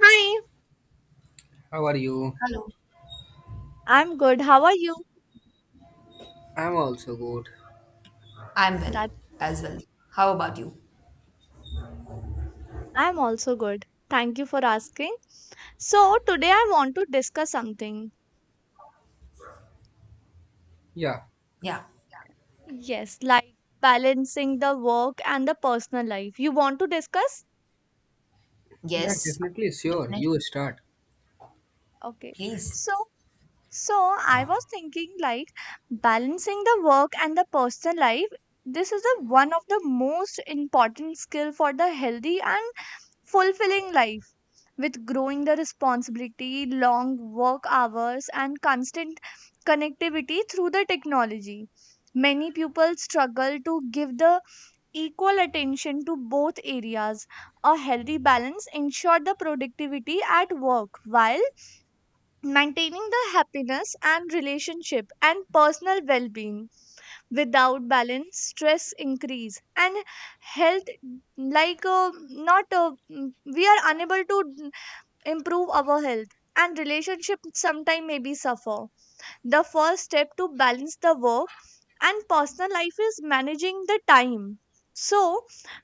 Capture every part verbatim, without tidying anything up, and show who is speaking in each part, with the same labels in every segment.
Speaker 1: Hi,
Speaker 2: How are you?
Speaker 3: Hello.
Speaker 1: I'm good. How are you?
Speaker 2: I'm also good.
Speaker 3: I'm well
Speaker 1: That
Speaker 3: as well. How about you?
Speaker 1: I'm also good. Thank you for asking. So, today I want to discuss something.
Speaker 2: Yeah,
Speaker 3: Yeah.
Speaker 1: Yes, like balancing the work and the personal life. You want to discuss?
Speaker 2: yeah,
Speaker 3: Yes,
Speaker 2: definitely. Sure,
Speaker 3: definitely.
Speaker 2: you start.
Speaker 1: Okay.
Speaker 3: Please.
Speaker 1: So, so I was thinking like balancing the work and the personal life. This is the one of the most important skill for the healthy and fulfilling life with growing the responsibility, long work hours, and constant connectivity through the technology. Many people struggle to give the equal attention to both areas. A healthy balance ensures the productivity at work while maintaining the happiness and relationship and personal well-being. Without balance, stress increase and health like uh, not uh, mm, we are unable to improve our health and relationship sometime maybe suffer the first step to balance the work and personal life is managing the time, so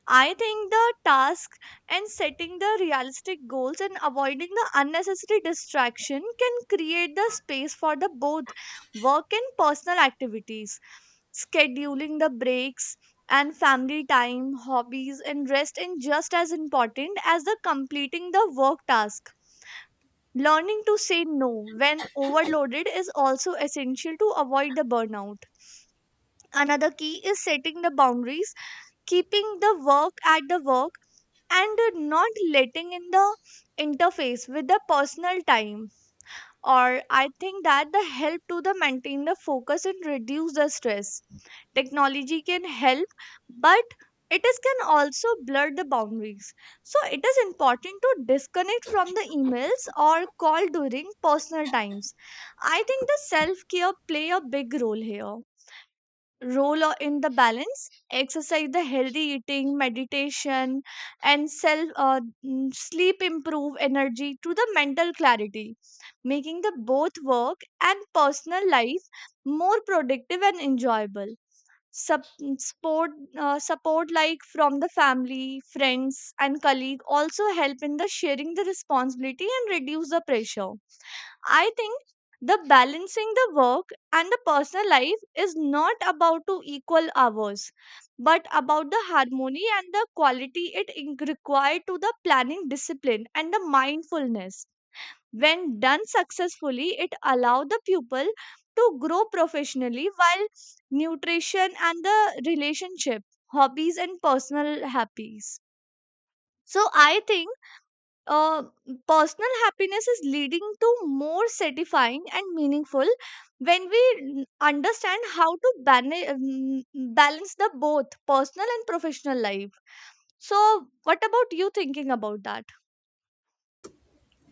Speaker 1: I think the task and setting the realistic goals and avoiding the unnecessary distraction can create the space for the both work and personal activities, scheduling the breaks and family time hobbies and rest is just as important as the completing the work task. Learning to say no when overloaded is also essential to avoid the burnout. Another key is setting the boundaries, keeping the work at the work, and not letting in the interface with the personal time, or I think that the help to the maintain the focus and reduce the stress. Technology can help, but it is can also blur the boundaries, so it is important to disconnect from the emails or call during personal times. I think the self care play a big role here, role o- in the balance exercise the healthy eating meditation and self uh, mm, sleep improve energy to the mental clarity, making the both work and personal life more productive and enjoyable. Sup- support uh, support like from the family friends and colleague also help in the sharing the responsibility and reduce the pressure. I think the balancing the work and the personal life is not about to equal hours, but about the harmony and the quality it in- required to the planning discipline and the mindfulness. When done successfully, it allow the pupil to grow professionally while nutrition and the relationship, hobbies and personal happies. So I think uh, personal happiness is leading to more satisfying and meaningful when we n- understand how to bana- mm, balance the both personal and professional life. So what about you thinking about that?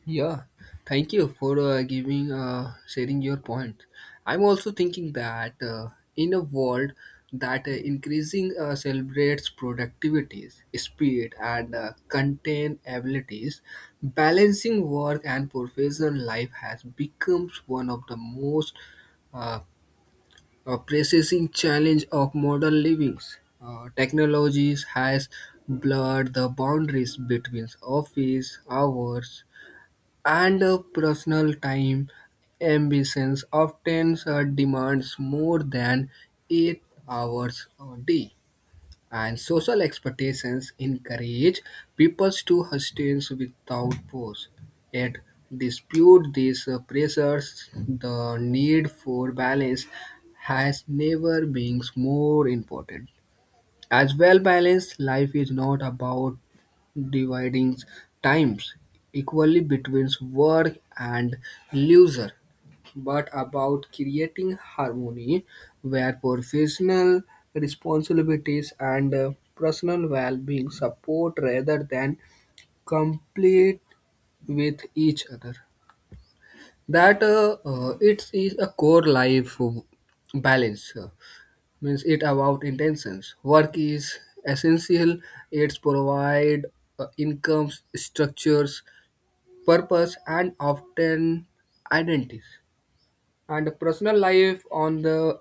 Speaker 2: Yeah, thank you for uh, giving, uh, sharing your point. I'm also thinking that uh, in a world that uh, increasing uh, celebrates productivities, speed, and uh, contain abilities, balancing work and professional life has becomes one of the most uh, a pressing challenge of modern livings. Uh, technologies has blurred the boundaries between office hours and uh, personal time. Ambitions often uh, demands more than eight hours a day and social expectations encourage people to hustle without pause. Yet, dispute these uh, pressures, the need for balance has never been more important. As well balanced life is not about dividing times equally between work and leisure but about creating harmony where professional responsibilities and uh, personal well-being support rather than complete with each other. That uh, uh, It is a core life uh, balance. Uh, means it about intentions. Work is essential. It's provide uh, incomes, structures, purpose, and often identities and personal life on the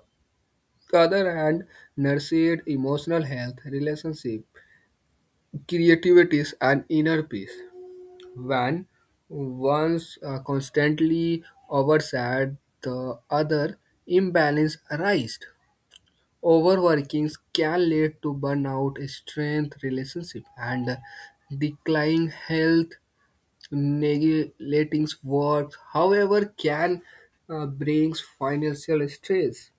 Speaker 2: the other hand, nurtured emotional health, relationship, creativity, and inner peace. When one's uh, constantly oversat, the other imbalance arises. Overworking can lead to burnout, strength, relationship, and declining health. Neglecting work, however, can uh, brings financial stress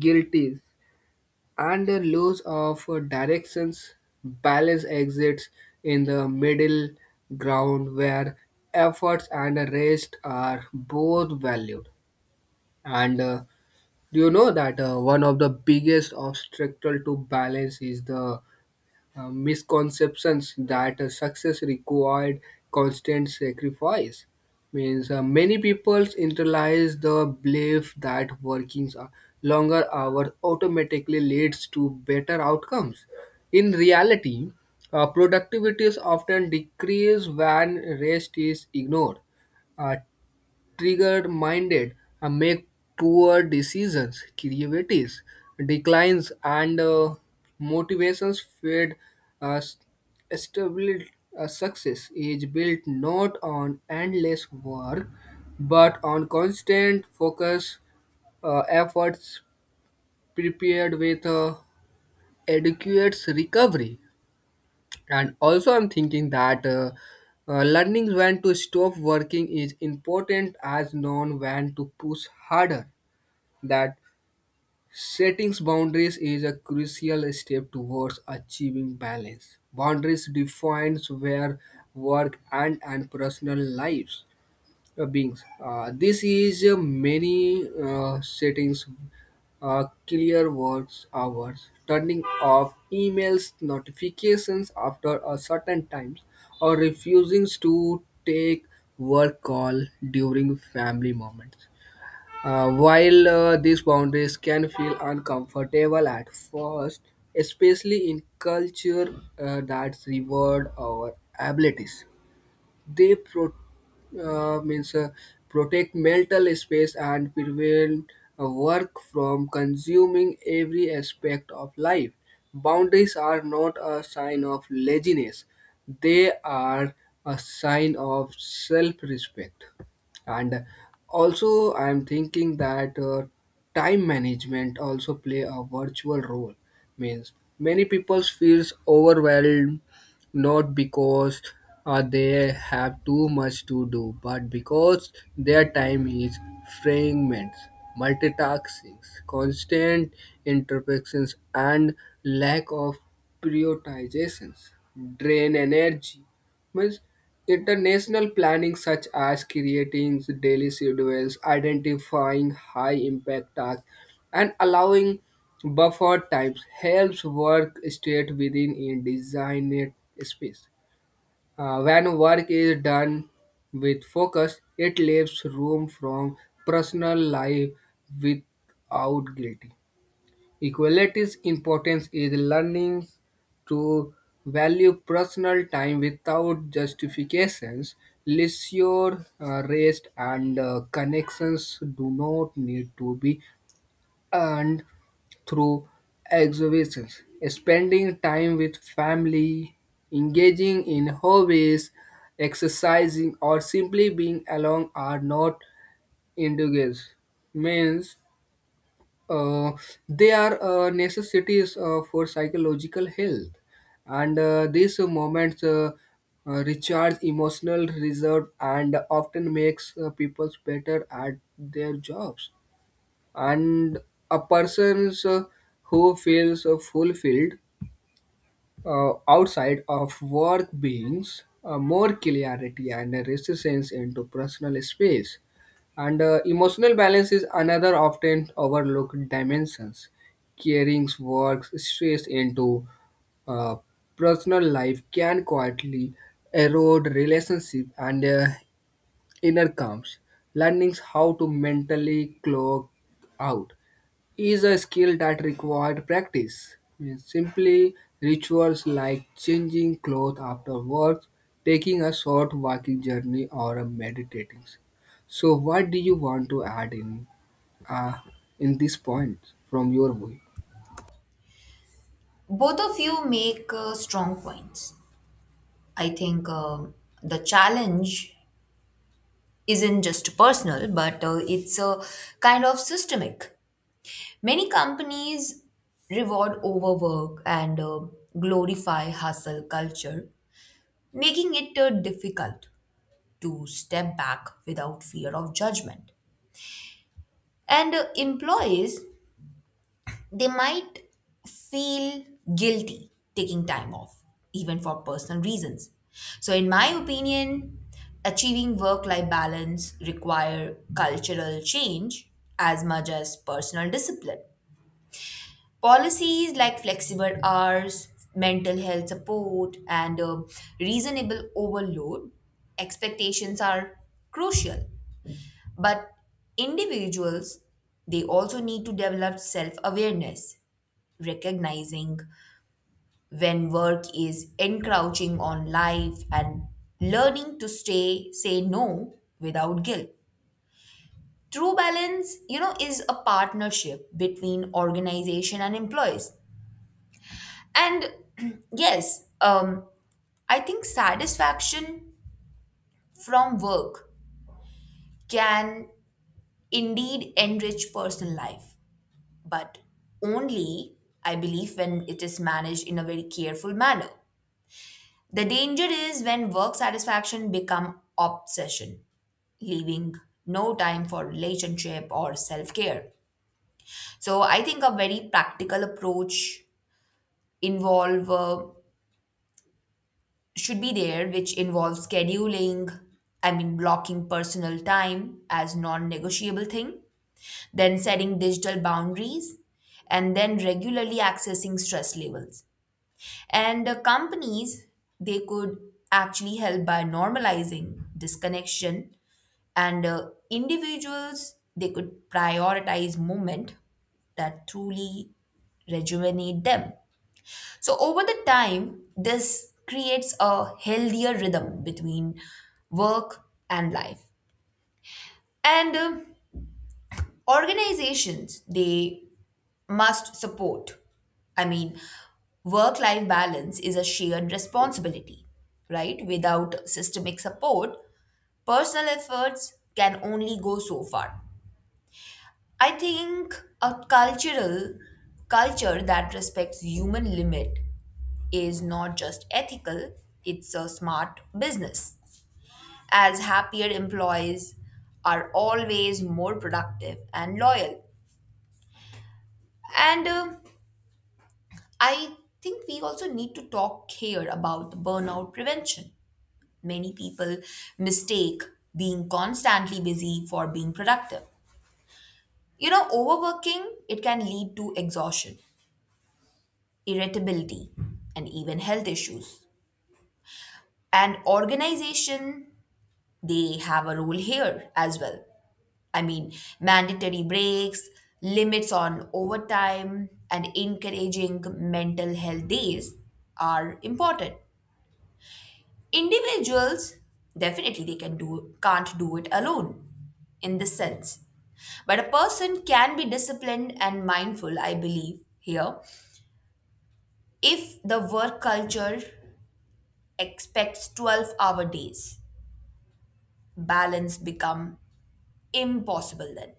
Speaker 2: guilty and the loss of directions balance exists in the middle ground where efforts and rest are both valued and uh, you know that uh, one of the biggest obstacle to balance is the uh, misconceptions that uh, success required constant sacrifice. Means uh, many people internalize the belief that working a longer hours automatically leads to better outcomes. In reality, uh, productivity is often decreased when rest is ignored. Uh, triggered minded and make poor decisions creativity declines and uh, motivations fade uh, s- stability uh, success is built not on endless work but on constant focus uh, efforts prepared with uh, adequate recovery and also I'm thinking that uh, uh, learning when to stop working is important as known when to push harder that setting boundaries is a crucial step towards achieving balance boundaries defines where work and and personal lives uh, beings. Uh, this is uh, many uh, settings, uh, clear works hours, turning off emails notifications after a certain time, or refusing to take work call during family moments. Uh, while uh, these boundaries can feel uncomfortable at first, especially in culture uh, that reward our abilities they pro, uh, means uh, protect mental space and prevent uh, work from consuming every aspect of life. Boundaries are not a sign of laziness; they are a sign of self-respect. And also, I'm thinking that uh, time management also play a virtual role. Means many people feels overwhelmed not because uh, they have too much to do, but because their time is fragments, multitasking, constant interruptions, and lack of prioritizations drain energy. Means international planning, such as creating daily schedules, identifying high impact tasks, and allowing buffer times helps work stay within a designed space. Uh, when work is done with focus, it leaves room from personal life without guilty. Equality's importance is learning to value personal time without justifications. Leisure, uh, rest, and uh, connections do not need to be and through exhibitions, spending time with family, engaging in hobbies, exercising, or simply being alone are not indulgences. Means uh, they are uh, necessities uh, for psychological health, and uh, these moments. Uh, uh, recharge emotional reserve and often makes uh, people better at their jobs and a person's uh, who feels uh, fulfilled uh, outside of work brings uh, more clarity and a resistance into personal space and uh, emotional balance is another often overlooked dimensions carrying work stress into uh, personal life can quietly erode relationship and uh, inner calms learning how to mentally clock out is a skill that required practice. Means simply rituals like changing clothes after work, taking a short walking journey, or a meditating. So, what do you want to add in uh, in this point from your view?
Speaker 3: Both of you make uh, strong points. I think um the challenge isn't just personal, but uh, it's a kind of systemic. Many companies reward overwork and uh, glorify hustle culture, making it uh, difficult to step back without fear of judgment. And uh, employees, they might feel guilty taking time off, even for personal reasons. So, in my opinion, achieving work life balance require cultural change as much as personal discipline. Policies like flexible hours, mental health support, and um, reasonable overload expectations are crucial. But individuals, they also need to develop self awareness, recognizing when work is encroaching on life and learning to stay say no without guilt. True balance, you know, is a partnership between organization and employees. And yes, um I think satisfaction from work can indeed enrich personal life, but only, I believe, when it is managed in a very careful manner. The danger is when work satisfaction become obsession, leaving no time for relationship or self-care. So I think a very practical approach involve uh, should be there, which involves scheduling, I mean blocking personal time as non-negotiable thing, then setting digital boundaries and then regularly accessing stress levels. And uh, companies, they could actually help by normalizing disconnection, and uh, individuals, they could prioritize movement that truly rejuvenate them. So, over the time, this creates a healthier rhythm between work and life. And uh, organizations, they must support. I mean, work life balance is a shared responsibility, right? Without systemic support, personal efforts can only go so far. I think a cultural culture that respects human limit is not just ethical, it's a smart business, as happier employees are always more productive and loyal. And uh, I think we also need to talk here about burnout prevention. Many people mistake being constantly busy for being productive. You know, overworking, it can lead to exhaustion, irritability, and even health issues. And organization, they have a role here as well. I mean, mandatory breaks, limits on overtime, and encouraging mental health days are important. Individuals, definitely, they can do can't do it alone in this sense, but a person can be disciplined and mindful, I believe here. If the work culture expects twelve hour days, balance become impossible then,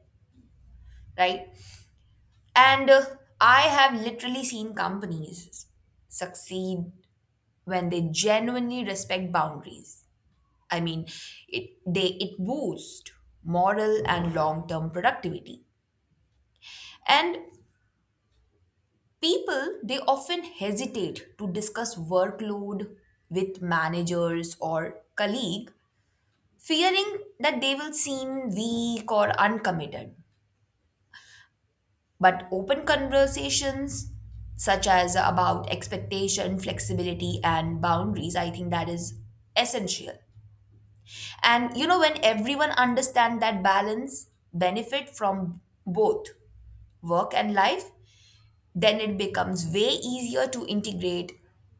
Speaker 3: right? And uh, I have literally seen companies succeed when they genuinely respect boundaries. I mean, it they it boosts moral and long-term productivity. And people, they often hesitate to discuss workload with managers or colleague, fearing that they will seem weak or uncommitted. But open conversations, such as about expectation, flexibility and boundaries, I think that is essential. And you know, when everyone understands that balance benefit from both work and life, then it becomes way easier to integrate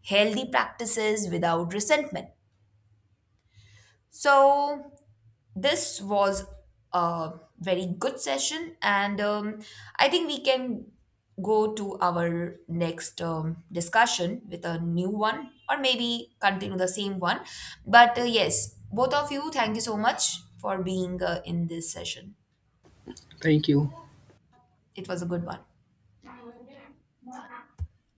Speaker 3: healthy practices without resentment. So this was a very good session, and um, I think we can go to our next um, discussion with a new one, or maybe continue the same one. But uh, yes, both of you, thank you so much for being uh, in this session.
Speaker 2: Thank you.
Speaker 3: It was a good one.